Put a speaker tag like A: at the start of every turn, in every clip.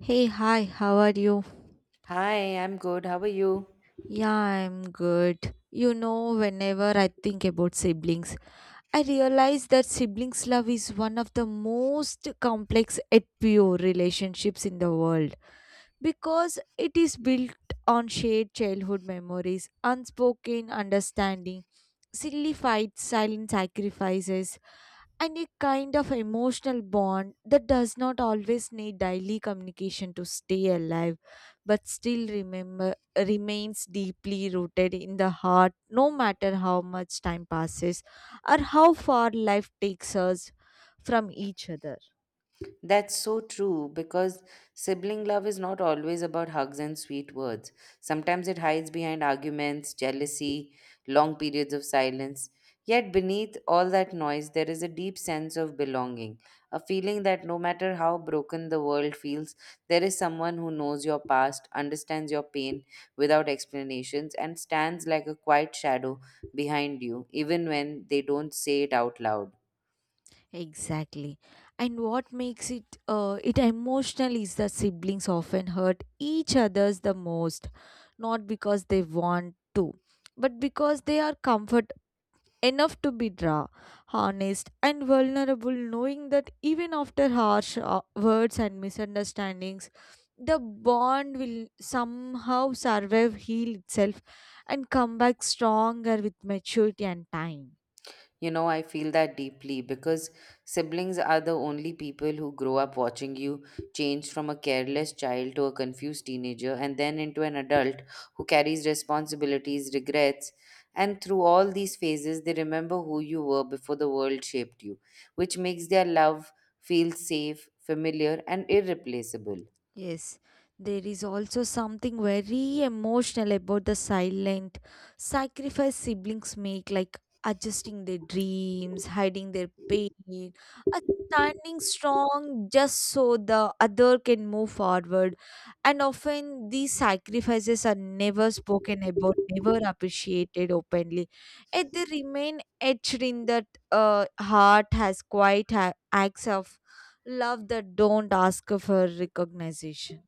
A: Hey, hi, how are you?
B: Hi, I'm good. How are you?
A: Yeah, I'm good. You know, whenever I think about siblings, I realize that siblings' love is one of the most complex yet pure relationships in the world because it is built on shared childhood memories, unspoken understanding, silly fights, silent sacrifices, and a kind of emotional bond that does not always need daily communication to stay alive but still remember remains deeply rooted in the heart no matter how much time passes or how far life takes us from each other.
B: That's so true because sibling love is not always about hugs and sweet words. Sometimes it hides behind arguments, jealousy, long periods of silence. Yet beneath all that noise, there is a deep sense of belonging, a feeling that no matter how broken the world feels, there is someone who knows your past, understands your pain without explanations, and stands like a quiet shadow behind you, even when they don't say it out loud.
A: Exactly. And what makes it it emotional is that siblings often hurt each other's the most, not because they want to, but because they are comfort enough to be raw, honest, and vulnerable, knowing that even after harsh words and misunderstandings, the bond will somehow survive, heal itself, and come back stronger with maturity and time.
B: You know, I feel that deeply because siblings are the only people who grow up watching you change from a careless child to a confused teenager and then into an adult who carries responsibilities, regrets, and through all these phases, they remember who you were before the world shaped you, which makes their love feel safe, familiar, and irreplaceable.
A: Yes, there is also something very emotional about the silent sacrifice siblings make, like adjusting their dreams, hiding their pain, and standing strong just so the other can move forward. And often these sacrifices are never spoken about, never appreciated openly, and they remain etched in that heart as quiet acts of love that don't ask for recognition.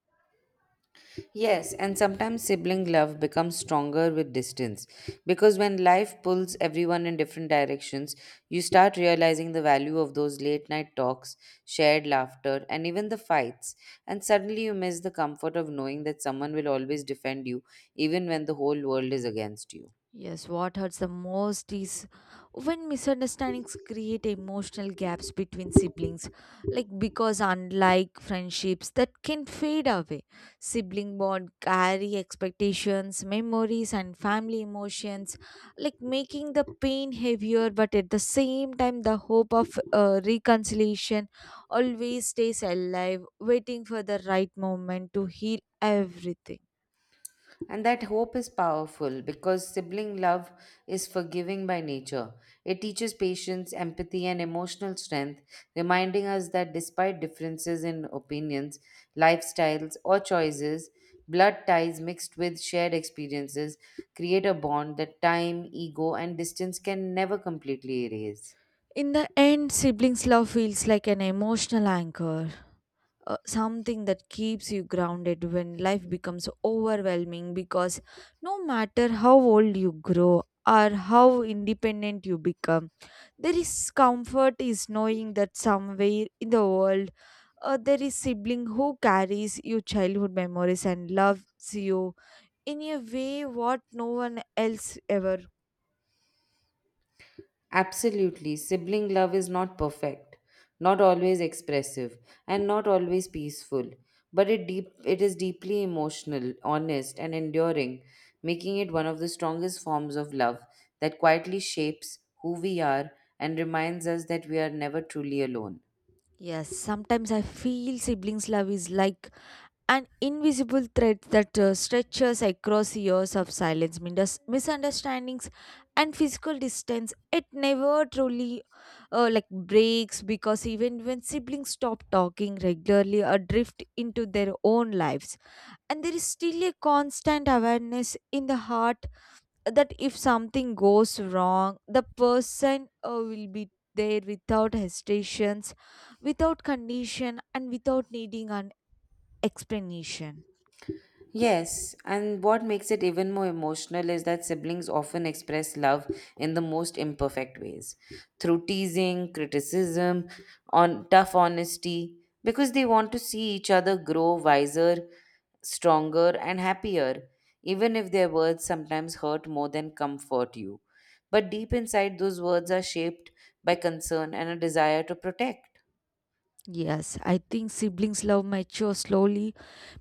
B: Yes, and sometimes sibling love becomes stronger with distance because when life pulls everyone in different directions, you start realizing the value of those late night talks, shared laughter, and even the fights. And suddenly you miss the comfort of knowing that someone will always defend you, even when the whole world is against you.
A: Yes, what hurts the most is when misunderstandings create emotional gaps between siblings, like because unlike friendships that can fade away, sibling bond carry expectations, memories, and family emotions, like making the pain heavier, but at the same time, the hope of reconciliation always stays alive, waiting for the right moment to heal everything.
B: And that hope is powerful because sibling love is forgiving by nature. It teaches patience, empathy, and emotional strength, reminding us that despite differences in opinions, lifestyles, or choices, blood ties mixed with shared experiences create a bond that time, ego, and distance can never completely erase.
A: In the end, siblings' love feels like an emotional anchor, something that keeps you grounded when life becomes overwhelming because no matter how old you grow or how independent you become, there is comfort is knowing that somewhere in the world there is sibling who carries your childhood memories and loves you in a way what no one else ever.
B: Absolutely. Sibling love is not perfect, not always expressive, and not always peaceful, but it is deeply emotional, honest, and enduring, making it one of the strongest forms of love that quietly shapes who we are and reminds us that we are never truly alone.
A: Yes, sometimes I feel siblings' love is like an invisible thread that stretches across years of silence, misunderstandings, and physical distance. It never truly like breaks because even when siblings stop talking regularly or drift into their own lives, and there is still a constant awareness in the heart that if something goes wrong, the person will be there without hesitations, without condition, and without needing an explanation.
B: Yes, and what makes it even more emotional is that siblings often express love in the most imperfect ways through teasing, criticism, on tough honesty, because they want to see each other grow wiser, stronger, and happier, even if their words sometimes hurt more than comfort you. But deep inside, those words are shaped by concern and a desire to protect.
A: Yes, I think siblings' love matures slowly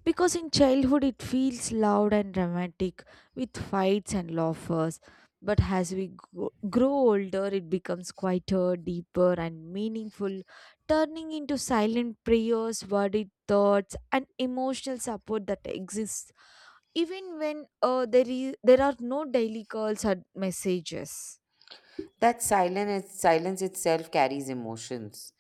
A: because in childhood it feels loud and dramatic with fights and laughers. But as we grow older, it becomes quieter, deeper, and meaningful, turning into silent prayers, worried thoughts, and emotional support that exists even when there are no daily calls or messages.
B: That silence itself carries emotions,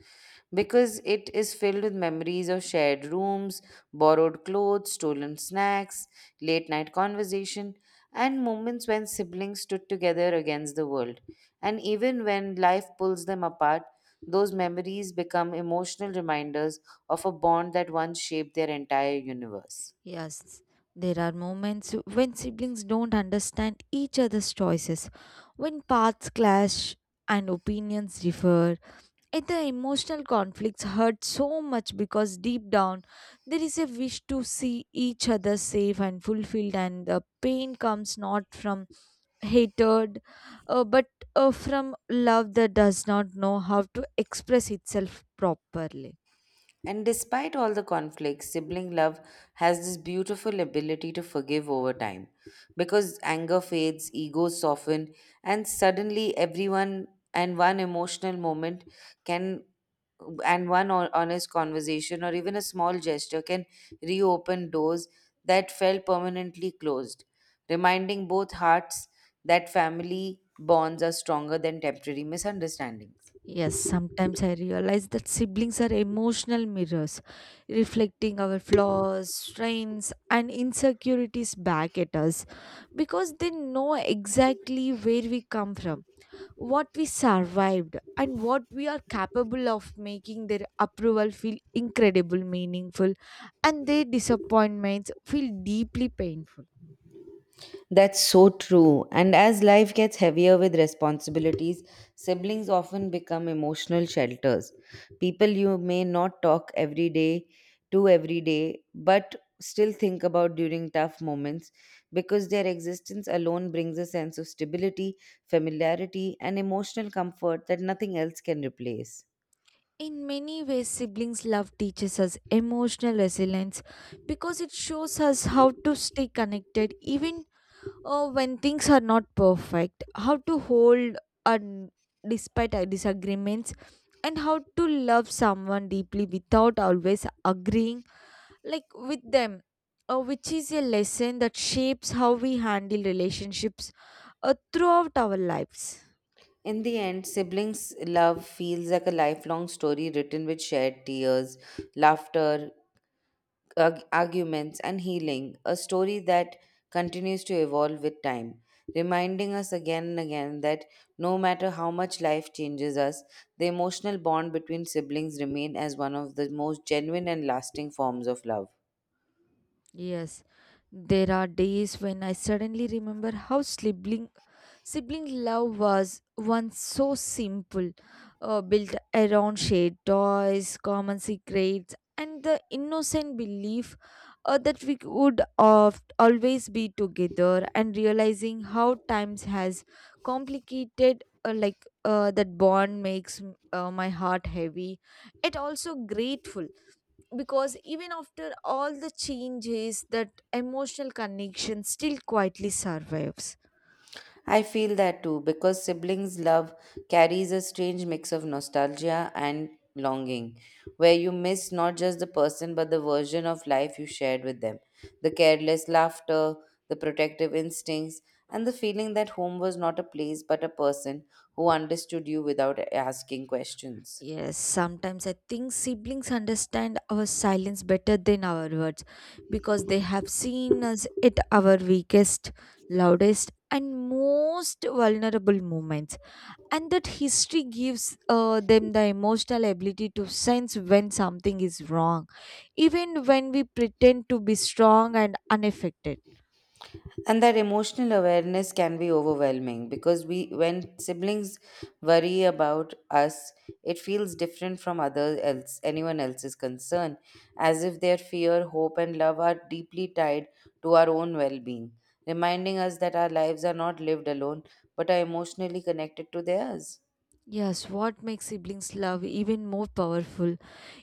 B: because it is filled with memories of shared rooms, borrowed clothes, stolen snacks, late night conversation, and moments when siblings stood together against the world. And even when life pulls them apart, those memories become emotional reminders of a bond that once shaped their entire universe.
A: Yes, there are moments when siblings don't understand each other's choices, when paths clash and opinions differ, and the emotional conflicts hurt so much because deep down there is a wish to see each other safe and fulfilled, and the pain comes not from hatred but from love that does not know how to express itself properly.
B: And despite all the conflicts, sibling love has this beautiful ability to forgive over time because anger fades, egos soften, and suddenly everyone and one emotional moment can, and one honest conversation or even a small gesture can reopen doors that felt permanently closed, reminding both hearts that family bonds are stronger than temporary misunderstandings.
A: Yes, sometimes I realize that siblings are emotional mirrors, reflecting our flaws, strengths, and insecurities back at us because they know exactly where we come from, what we survived and what we are capable of, making their approval feel incredible meaningful and their disappointments feel deeply painful.
B: That's so true. And as life gets heavier with responsibilities, siblings often become emotional shelters. People you may not talk every day to every day, but still think about during tough moments because their existence alone brings a sense of stability, familiarity, and emotional comfort that nothing else can replace.
A: In many ways siblings love teaches us emotional resilience because it shows us how to stay connected even when things are not perfect, how to hold on despite our disagreements and how to love someone deeply without always agreeing like with them, which is a lesson that shapes how we handle relationships throughout our lives.
B: In the end, siblings' love feels like a lifelong story written with shared tears, laughter, arguments, and healing, a story that continues to evolve with time, reminding us again and again that no matter how much life changes us, the emotional bond between siblings remain as one of the most genuine and lasting forms of love.
A: Yes, there are days when I suddenly remember how sibling love was once so simple, built around shared toys, common secrets, and the innocent belief that we would of always be together. And realizing how times has complicated, that bond makes my heart heavy, it also grateful because even after all the changes that emotional connection still quietly survives.
B: I feel that too because siblings' love carries a strange mix of nostalgia and longing, where you miss not just the person but the version of life you shared with them, the careless laughter, the protective instincts, and the feeling that home was not a place but a person who understood you without asking questions.
A: Yes, sometimes I think siblings understand our silence better than our words because they have seen us at our weakest, loudest and most vulnerable moments, and that history gives them the emotional ability to sense when something is wrong even when we pretend to be strong and unaffected.
B: And that emotional awareness can be overwhelming because we when siblings worry about us, it feels different from other else anyone else's concern, as if their fear, hope, and love are deeply tied to our own well-being, reminding us that our lives are not lived alone but are emotionally connected to theirs.
A: Yes, what makes siblings' love even more powerful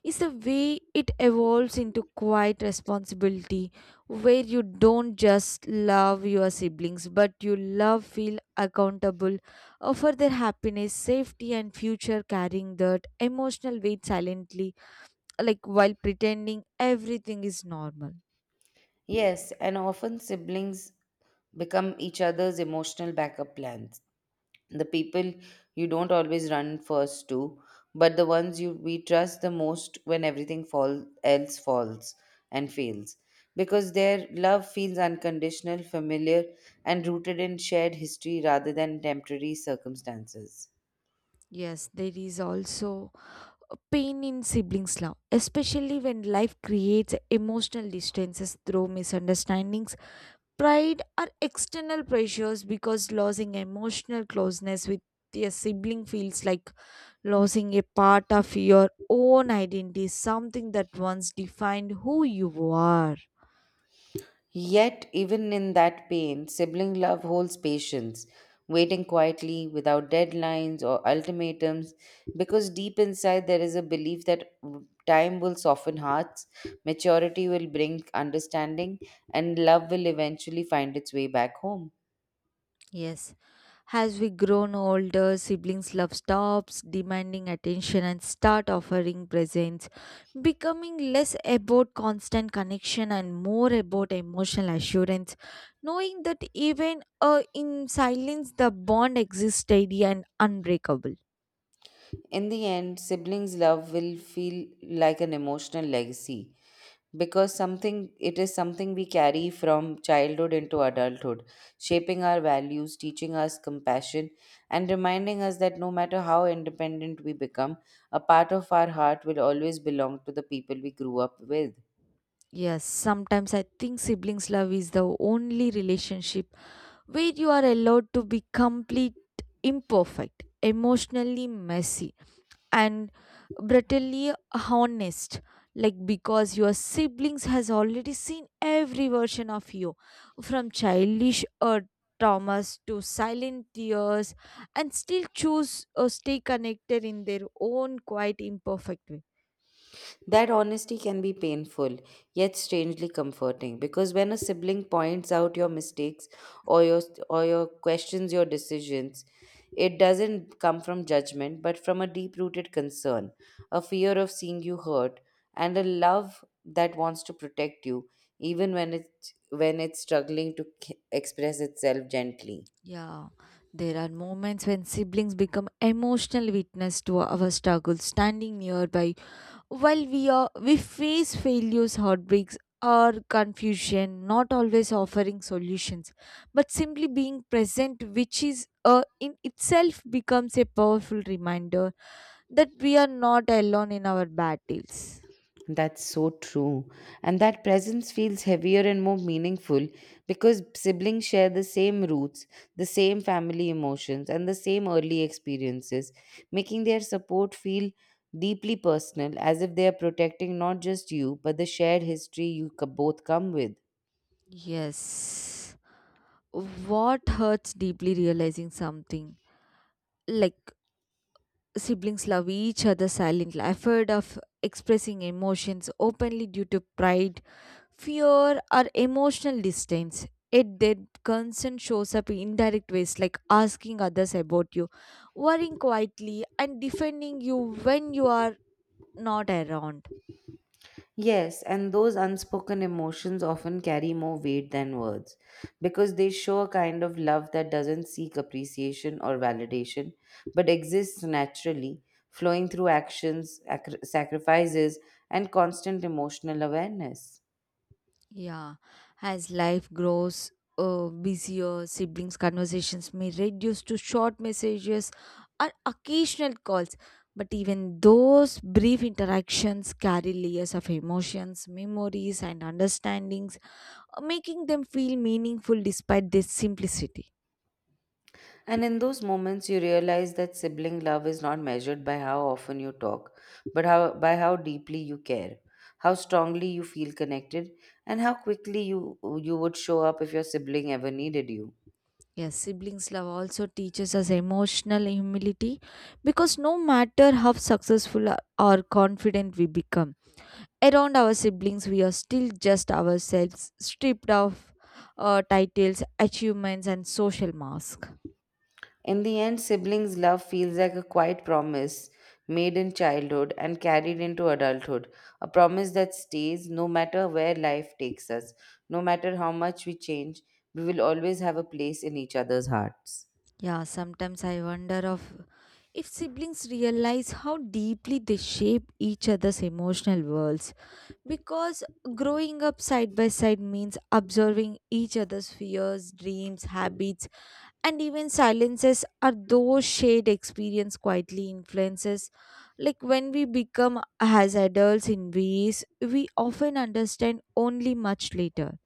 A: is the way it evolves into quiet responsibility, where you don't just love your siblings, but you love, feel accountable for their happiness, safety, and future, carrying that emotional weight silently, like while pretending everything is normal.
B: Yes, and often siblings become each other's emotional backup plans. The people you don't always run first to, but the ones you we trust the most when everything else falls and fails. Because their love feels unconditional, familiar, and rooted in shared history rather than temporary circumstances.
A: Yes, there is also a pain in siblings' love, especially when life creates emotional distances through misunderstandings, pride are external pressures because losing emotional closeness with your sibling feels like losing a part of your own identity, something that once defined who you are.
B: Yet, even in that pain, sibling love holds patience, waiting quietly without deadlines or ultimatums, because deep inside there is a belief that time will soften hearts, maturity will bring understanding, and love will eventually find its way back home.
A: Yes. As we grown older, siblings' love stops demanding attention and start offering presents, becoming less about constant connection and more about emotional assurance, knowing that even in silence the bond exists steady and unbreakable.
B: In the end, siblings' love will feel like an emotional legacy because something it is something we carry from childhood into adulthood, shaping our values, teaching us compassion, and reminding us that no matter how independent we become, a part of our heart will always belong to the people we grew up with.
A: Yes, sometimes I think siblings' love is the only relationship where you are allowed to be complete imperfect, emotionally messy and brutally honest, like because your siblings has already seen every version of you from childish traumas to silent tears and still choose or stay connected in their own quite imperfect way.
B: That honesty can be painful, yet strangely comforting, because when a sibling points out your mistakes or your questions your decisions, it doesn't come from judgment but from a deep-rooted concern, a fear of seeing you hurt, and a love that wants to protect you even when it's struggling to express itself gently.
A: Yeah, there are moments when siblings become emotional witness to our struggles, standing nearby, while we face failures, heartbreaks, or confusion, not always offering solutions, but simply being present, which is in itself becomes a powerful reminder that we are not alone in our battles.
B: That's so true. And that presence feels heavier and more meaningful because siblings share the same roots, the same family emotions, and the same early experiences, making their support feel deeply personal, as if they are protecting not just you, but the shared history you both come with.
A: Yes. What hurts deeply realizing something like siblings love each other silently. I of expressing emotions openly due to pride, fear or emotional distance. It did concern shows up in indirect ways like asking others about you, worrying quietly, and defending you when you are not around.
B: Yes, and those unspoken emotions often carry more weight than words because they show a kind of love that doesn't seek appreciation or validation but exists naturally, flowing through actions, sacrifices, and constant emotional awareness.
A: Yeah, as life grows busier, siblings' conversations may reduce to short messages or occasional calls. But even those brief interactions carry layers of emotions, memories, and understandings, making them feel meaningful despite their simplicity.
B: And in those moments, you realize that sibling love is not measured by how often you talk, but by how deeply you care, how strongly you feel connected, and how quickly you would show up if your sibling ever needed you.
A: Yes, siblings love also teaches us emotional humility because no matter how successful or confident we become, around our siblings we are still just ourselves, stripped of titles, achievements, and social mask.
B: In the end, siblings' love feels like a quiet promise made in childhood and carried into adulthood, a promise that stays no matter where life takes us, no matter how much we change, we will always have a place in each other's hearts.
A: Yeah, sometimes I wonder of if siblings realize how deeply they shape each other's emotional worlds because growing up side by side means observing each other's fears, dreams, habits and even silences are those shared experience quietly influences, like when we become as adults in ways we often understand only much later.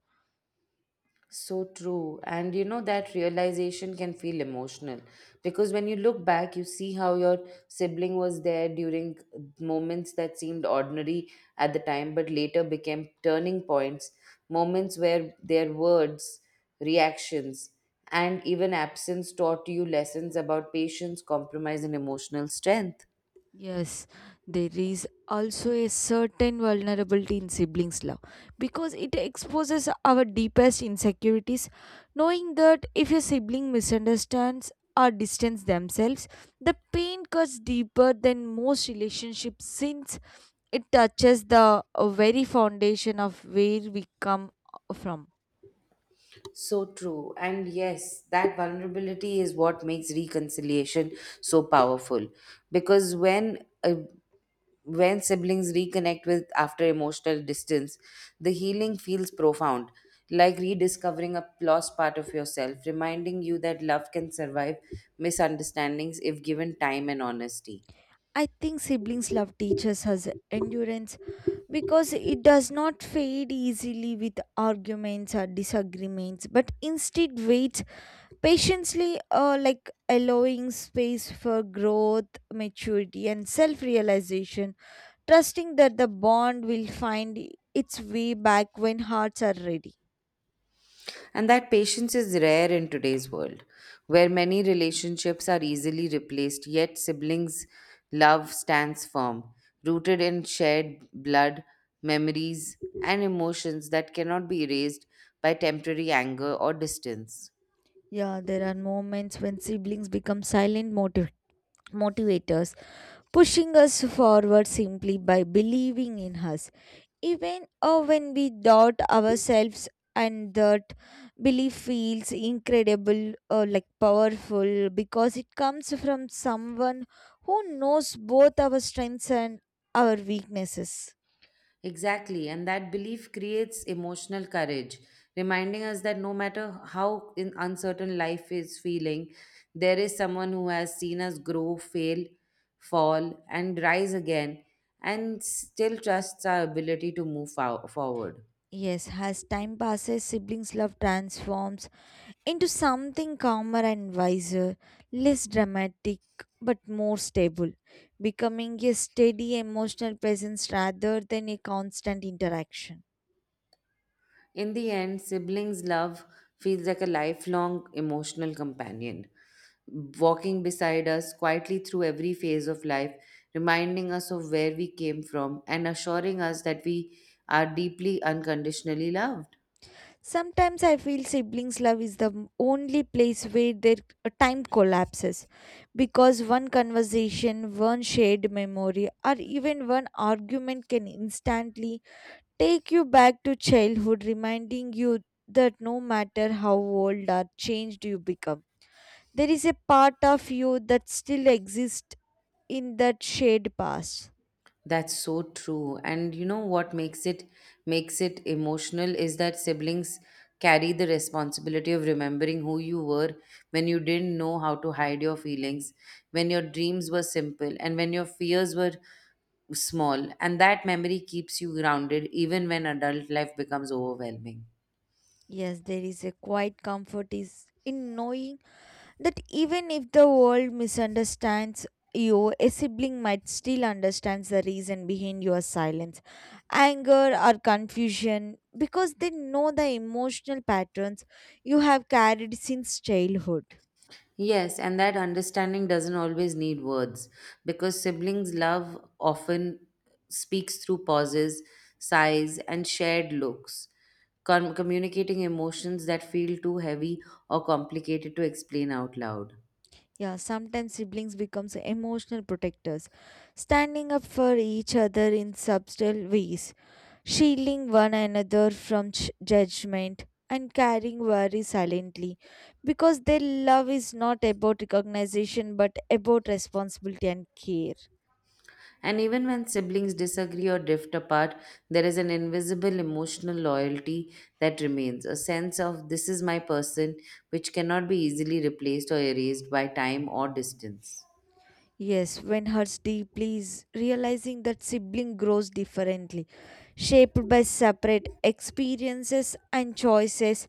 B: So true. And you know, that realization can feel emotional because when you look back, you see how your sibling was there during moments that seemed ordinary at the time, but later became turning points, moments where their words, reactions, and even absence taught you lessons about patience, compromise, and emotional strength.
A: Yes, there is also a certain vulnerability in siblings' love because it exposes our deepest insecurities, knowing that if a sibling misunderstands or distances themselves, the pain cuts deeper than most relationships since it touches the very foundation of where we come from.
B: So true. And yes, that vulnerability is what makes reconciliation so powerful. Because when siblings reconnect with after emotional distance, the healing feels profound, like rediscovering a lost part of yourself, reminding you that love can survive misunderstandings if given time and honesty.
A: I think siblings' love teaches us endurance because it does not fade easily with arguments or disagreements, but instead waits patiently, like allowing space for growth, maturity, and self realization, trusting that the bond will find its way back when hearts are ready.
B: And that patience is rare in today's world, where many relationships are easily replaced, yet siblings' love stands firm, rooted in shared blood, memories, and emotions that cannot be erased by temporary anger or distance.
A: Yeah, there are moments when siblings become silent motivators pushing us forward simply by believing in us, even when we doubt ourselves, and that belief feels incredible or like powerful because it comes from someone who knows both our strengths and our weaknesses.
B: Exactly, and that belief creates emotional courage, reminding us that no matter how in uncertain life is feeling, there is someone who has seen us grow, fail, fall, and rise again, and still trusts our ability to move forward.
A: Yes, as time passes, siblings' love transforms into something calmer and wiser, less dramatic but more stable, becoming a steady emotional presence rather than a constant interaction.
B: In the end, siblings' love feels like a lifelong emotional companion, walking beside us quietly through every phase of life, reminding us of where we came from, and assuring us that we are deeply unconditionally loved.
A: Sometimes I feel siblings' love is the only place where their time collapses because one conversation, one shared memory, or even one argument can instantly take you back to childhood, reminding you that no matter how old or changed you become there is a part of you that still exists in that shared past.
B: That's so true. And you know what makes it emotional is that siblings carry the responsibility of remembering who you were when you didn't know how to hide your feelings, when your dreams were simple, and when your fears were small. And that memory keeps you grounded even when adult life becomes overwhelming.
A: Yes, there is a quiet comfort is in knowing that even if the world misunderstands you, a sibling might still understand the reason behind your silence, anger or confusion because they know the emotional patterns you have carried since childhood.
B: Yes, and that understanding doesn't always need words because siblings' love often speaks through pauses, sighs, and shared looks, communicating emotions that feel too heavy or complicated to explain out loud.
A: Yeah, sometimes siblings become emotional protectors, standing up for each other in subtle ways, shielding one another from judgment and carrying worry silently because their love is not about recognition but about responsibility and care.
B: And even when siblings disagree or drift apart, there is an invisible emotional loyalty that remains, a sense of this is my person, which cannot be easily replaced or erased by time or distance.
A: Yes, when hurts deeply is realizing that sibling grows differently, shaped by separate experiences and choices,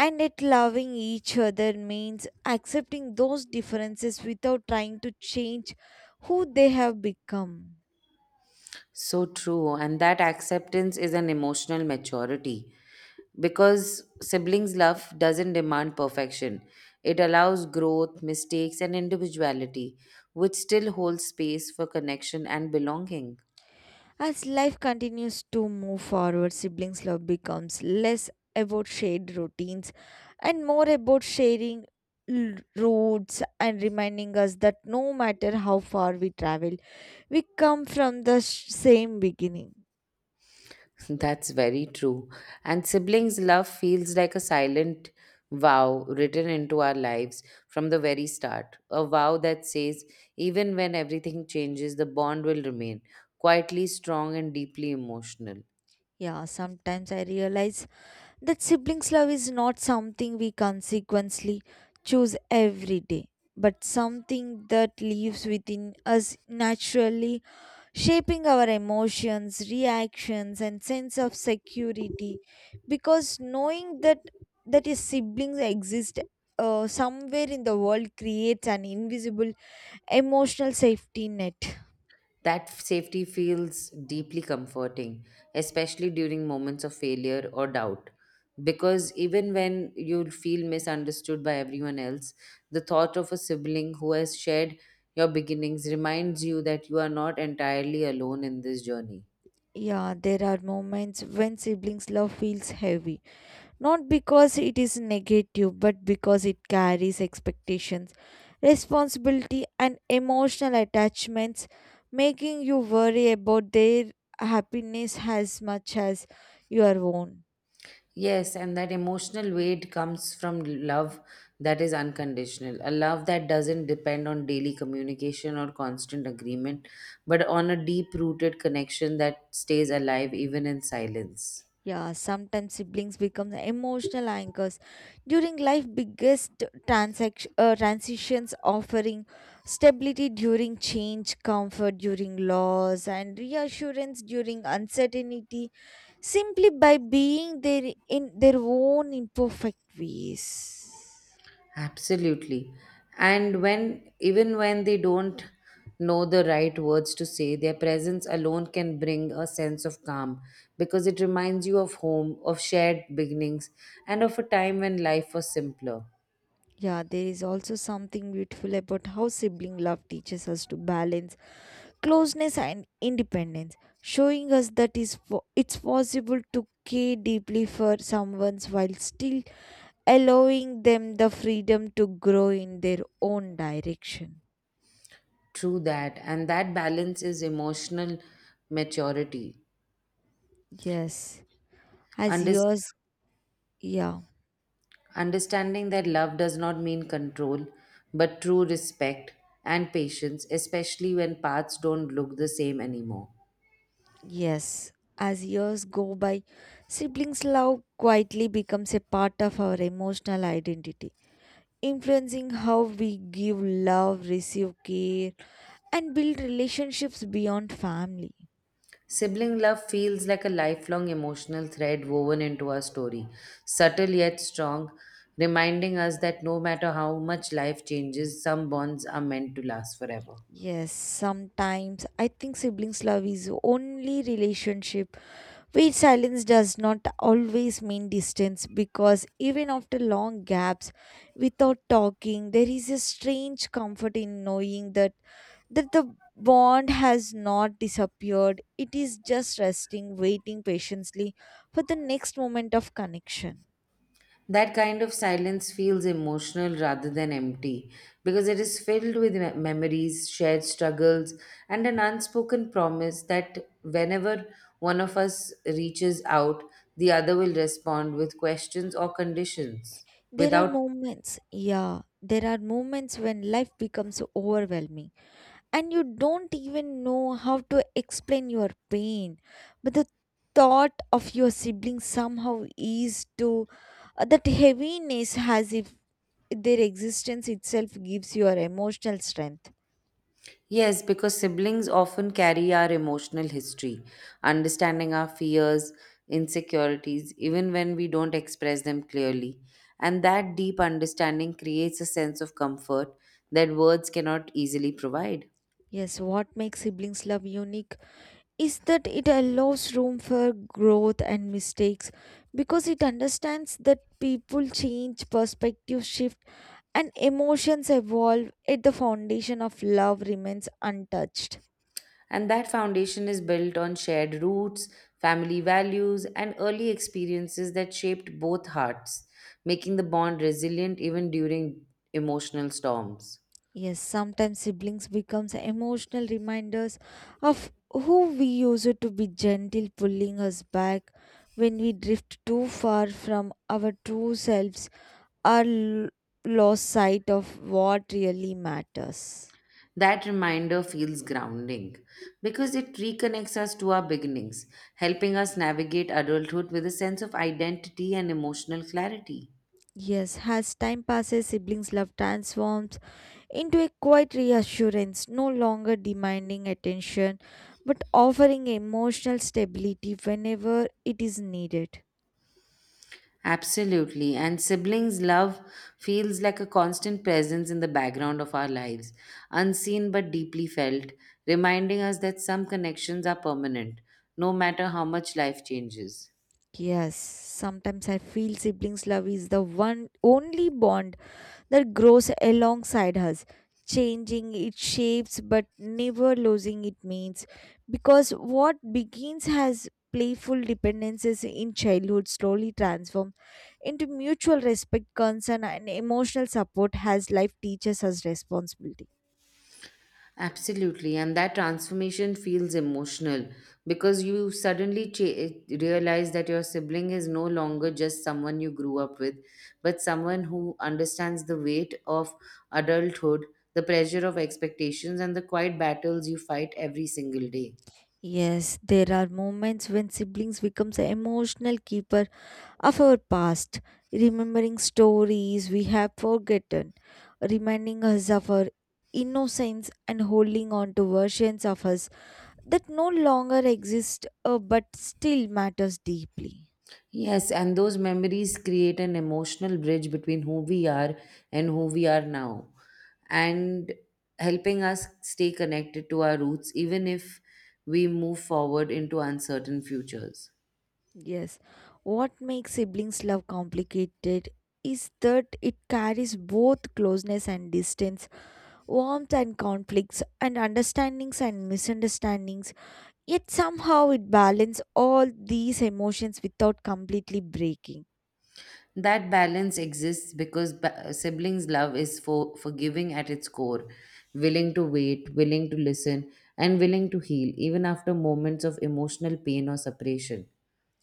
A: and it loving each other means accepting those differences without trying to change who they have become.
B: So true. And that acceptance is an emotional maturity because siblings' love doesn't demand perfection. It allows growth, mistakes, and individuality, which still holds space for connection and belonging.
A: As life continues to move forward, siblings love becomes less about shared routines and more about sharing routes and reminding us that no matter how far we travel, we come from the same beginning.
B: That's very true. And siblings' love feels like a silent vow written into our lives from the very start. A vow that says, even when everything changes, the bond will remain quietly strong and deeply emotional.
A: Yeah, sometimes I realize that siblings' love is not something we consequently choose every day, but something that lives within us naturally, shaping our emotions, reactions, and sense of security. Because knowing that that is siblings exist somewhere in the world creates an invisible emotional safety net.
B: That safety feels deeply comforting, especially during moments of failure or doubt. Because even when you feel misunderstood by everyone else, the thought of a sibling who has shared your beginnings reminds you that you are not entirely alone in this journey.
A: Yeah, there are moments when siblings' love feels heavy, not because it is negative, but because it carries expectations, responsibility, and emotional attachments, making you worry about their happiness as much as your own.
B: Yes, and that emotional weight comes from love that is unconditional, a love that doesn't depend on daily communication or constant agreement, but on a deep rooted connection that stays alive even in silence.
A: Yeah, sometimes siblings become emotional anchors during life biggest transaction transitions, offering stability during change, comfort during loss and reassurance during uncertainty, simply by being there in their own imperfect ways.
B: Absolutely. Even when they don't know the right words to say, their presence alone can bring a sense of calm because it reminds you of home, of shared beginnings, and of a time when life was simpler.
A: Yeah, there is also something beautiful about how sibling love teaches us to balance closeness and independence, showing us that it's possible to care deeply for someone while still allowing them the freedom to grow in their own direction.
B: True that. And that balance is emotional maturity.
A: Yes, as
B: Unders-
A: years, yeah,
B: understanding that love does not mean control, but true respect and patience, especially when paths don't look the same anymore.
A: yes, as years go by, siblings' love quietly becomes a part of our emotional identity, influencing how we give love, receive care, and build relationships beyond family.
B: Sibling love feels like a lifelong emotional thread woven into our story, subtle yet strong, reminding us that no matter how much life changes, some bonds are meant to last forever.
A: Yes, sometimes I think siblings' love is only relationship where silence does not always mean distance, because even after long gaps without talking, there is a strange comfort in knowing that the bond has not disappeared. It is just resting, waiting patiently for the next moment of connection.
B: That kind of silence feels emotional rather than empty because it is filled with memories, shared struggles, and an unspoken promise that whenever one of us reaches out, the other will respond with questions or conditions
A: There are
B: without.
A: moments, yeah, there are moments when life becomes overwhelming and you don't even know how to explain your pain, but the thought of your siblings somehow is to that heaviness, as if their existence itself gives your emotional strength.
B: Yes, because siblings often carry our emotional history, understanding our fears, insecurities, even when we don't express them clearly. And that deep understanding creates a sense of comfort that words cannot easily provide.
A: Yes, what makes siblings love unique is that it allows room for growth and mistakes, because it understands that people change, perspectives shift, and emotions evolve at the foundation of love remains untouched.
B: And that foundation is built on shared roots, family values, and early experiences that shaped both hearts, making the bond resilient even during emotional storms.
A: Yes, sometimes siblings becomes emotional reminders of who we used to be, gentle pulling us back when we drift too far from our true selves or lost sight of what really matters.
B: That reminder feels grounding because it reconnects us to our beginnings, helping us navigate adulthood with a sense of identity and emotional clarity.
A: Yes, as time passes, siblings' love transforms into a quiet reassurance, no longer demanding attention but offering emotional stability whenever it is needed.
B: Absolutely, and siblings' love feels like a constant presence in the background of our lives, unseen but deeply felt, reminding us that some connections are permanent, no matter how much life changes.
A: Yes, sometimes I feel siblings' love is the one only bond that grows alongside us, changing its shapes but never losing its means. Because what begins as playful dependences in childhood slowly transform into mutual respect, concern, and emotional support as life teaches us responsibility.
B: Absolutely, and that transformation feels emotional because you suddenly realize that your sibling is no longer just someone you grew up with, but someone who understands the weight of adulthood, the pressure of expectations, and the quiet battles you fight every single day.
A: Yes, there are moments when siblings becomes an emotional keeper of our past, remembering stories we have forgotten, reminding us of our innocence and holding on to versions of us that no longer exist but still matters deeply.
B: Yes, and those memories create an emotional bridge between who we are and who we are now, and helping us stay connected to our roots even if we move forward into uncertain futures.
A: Yes, what makes siblings love complicated is that it carries both closeness and distance, warmth and conflicts, and understandings and misunderstandings. Yet somehow it balances all these emotions without completely breaking.
B: That balance exists because siblings' love is for forgiving at its core, willing to wait, willing to listen, and willing to heal even after moments of emotional pain or separation.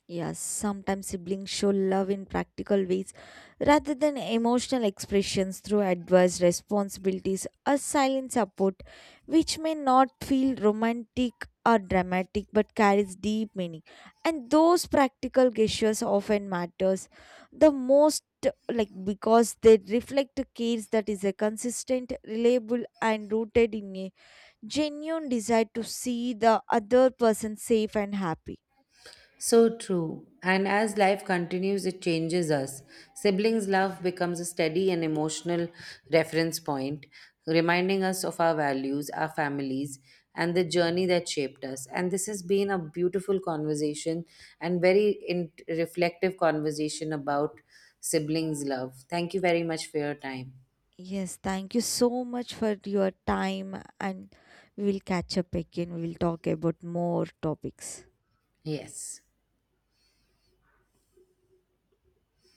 A: Yes, sometimes siblings show love in practical ways rather than emotional expressions, through advice, responsibilities, or silent support, which may not feel romantic or dramatic but carries deep meaning. And those practical gestures often matters the most, like because they reflect cares that is a consistent, reliable and rooted in a genuine desire to see the other person safe and happy.
B: So true. And as life continues, it changes us. Siblings' love becomes a steady and emotional reference point, reminding us of our values, our families, and the journey that shaped us. And this has been a beautiful conversation and very reflective conversation about siblings' love. Thank you very much for your time.
A: Yes, thank you so much for your time, and we will catch up again. We will talk about more topics.
B: Yes.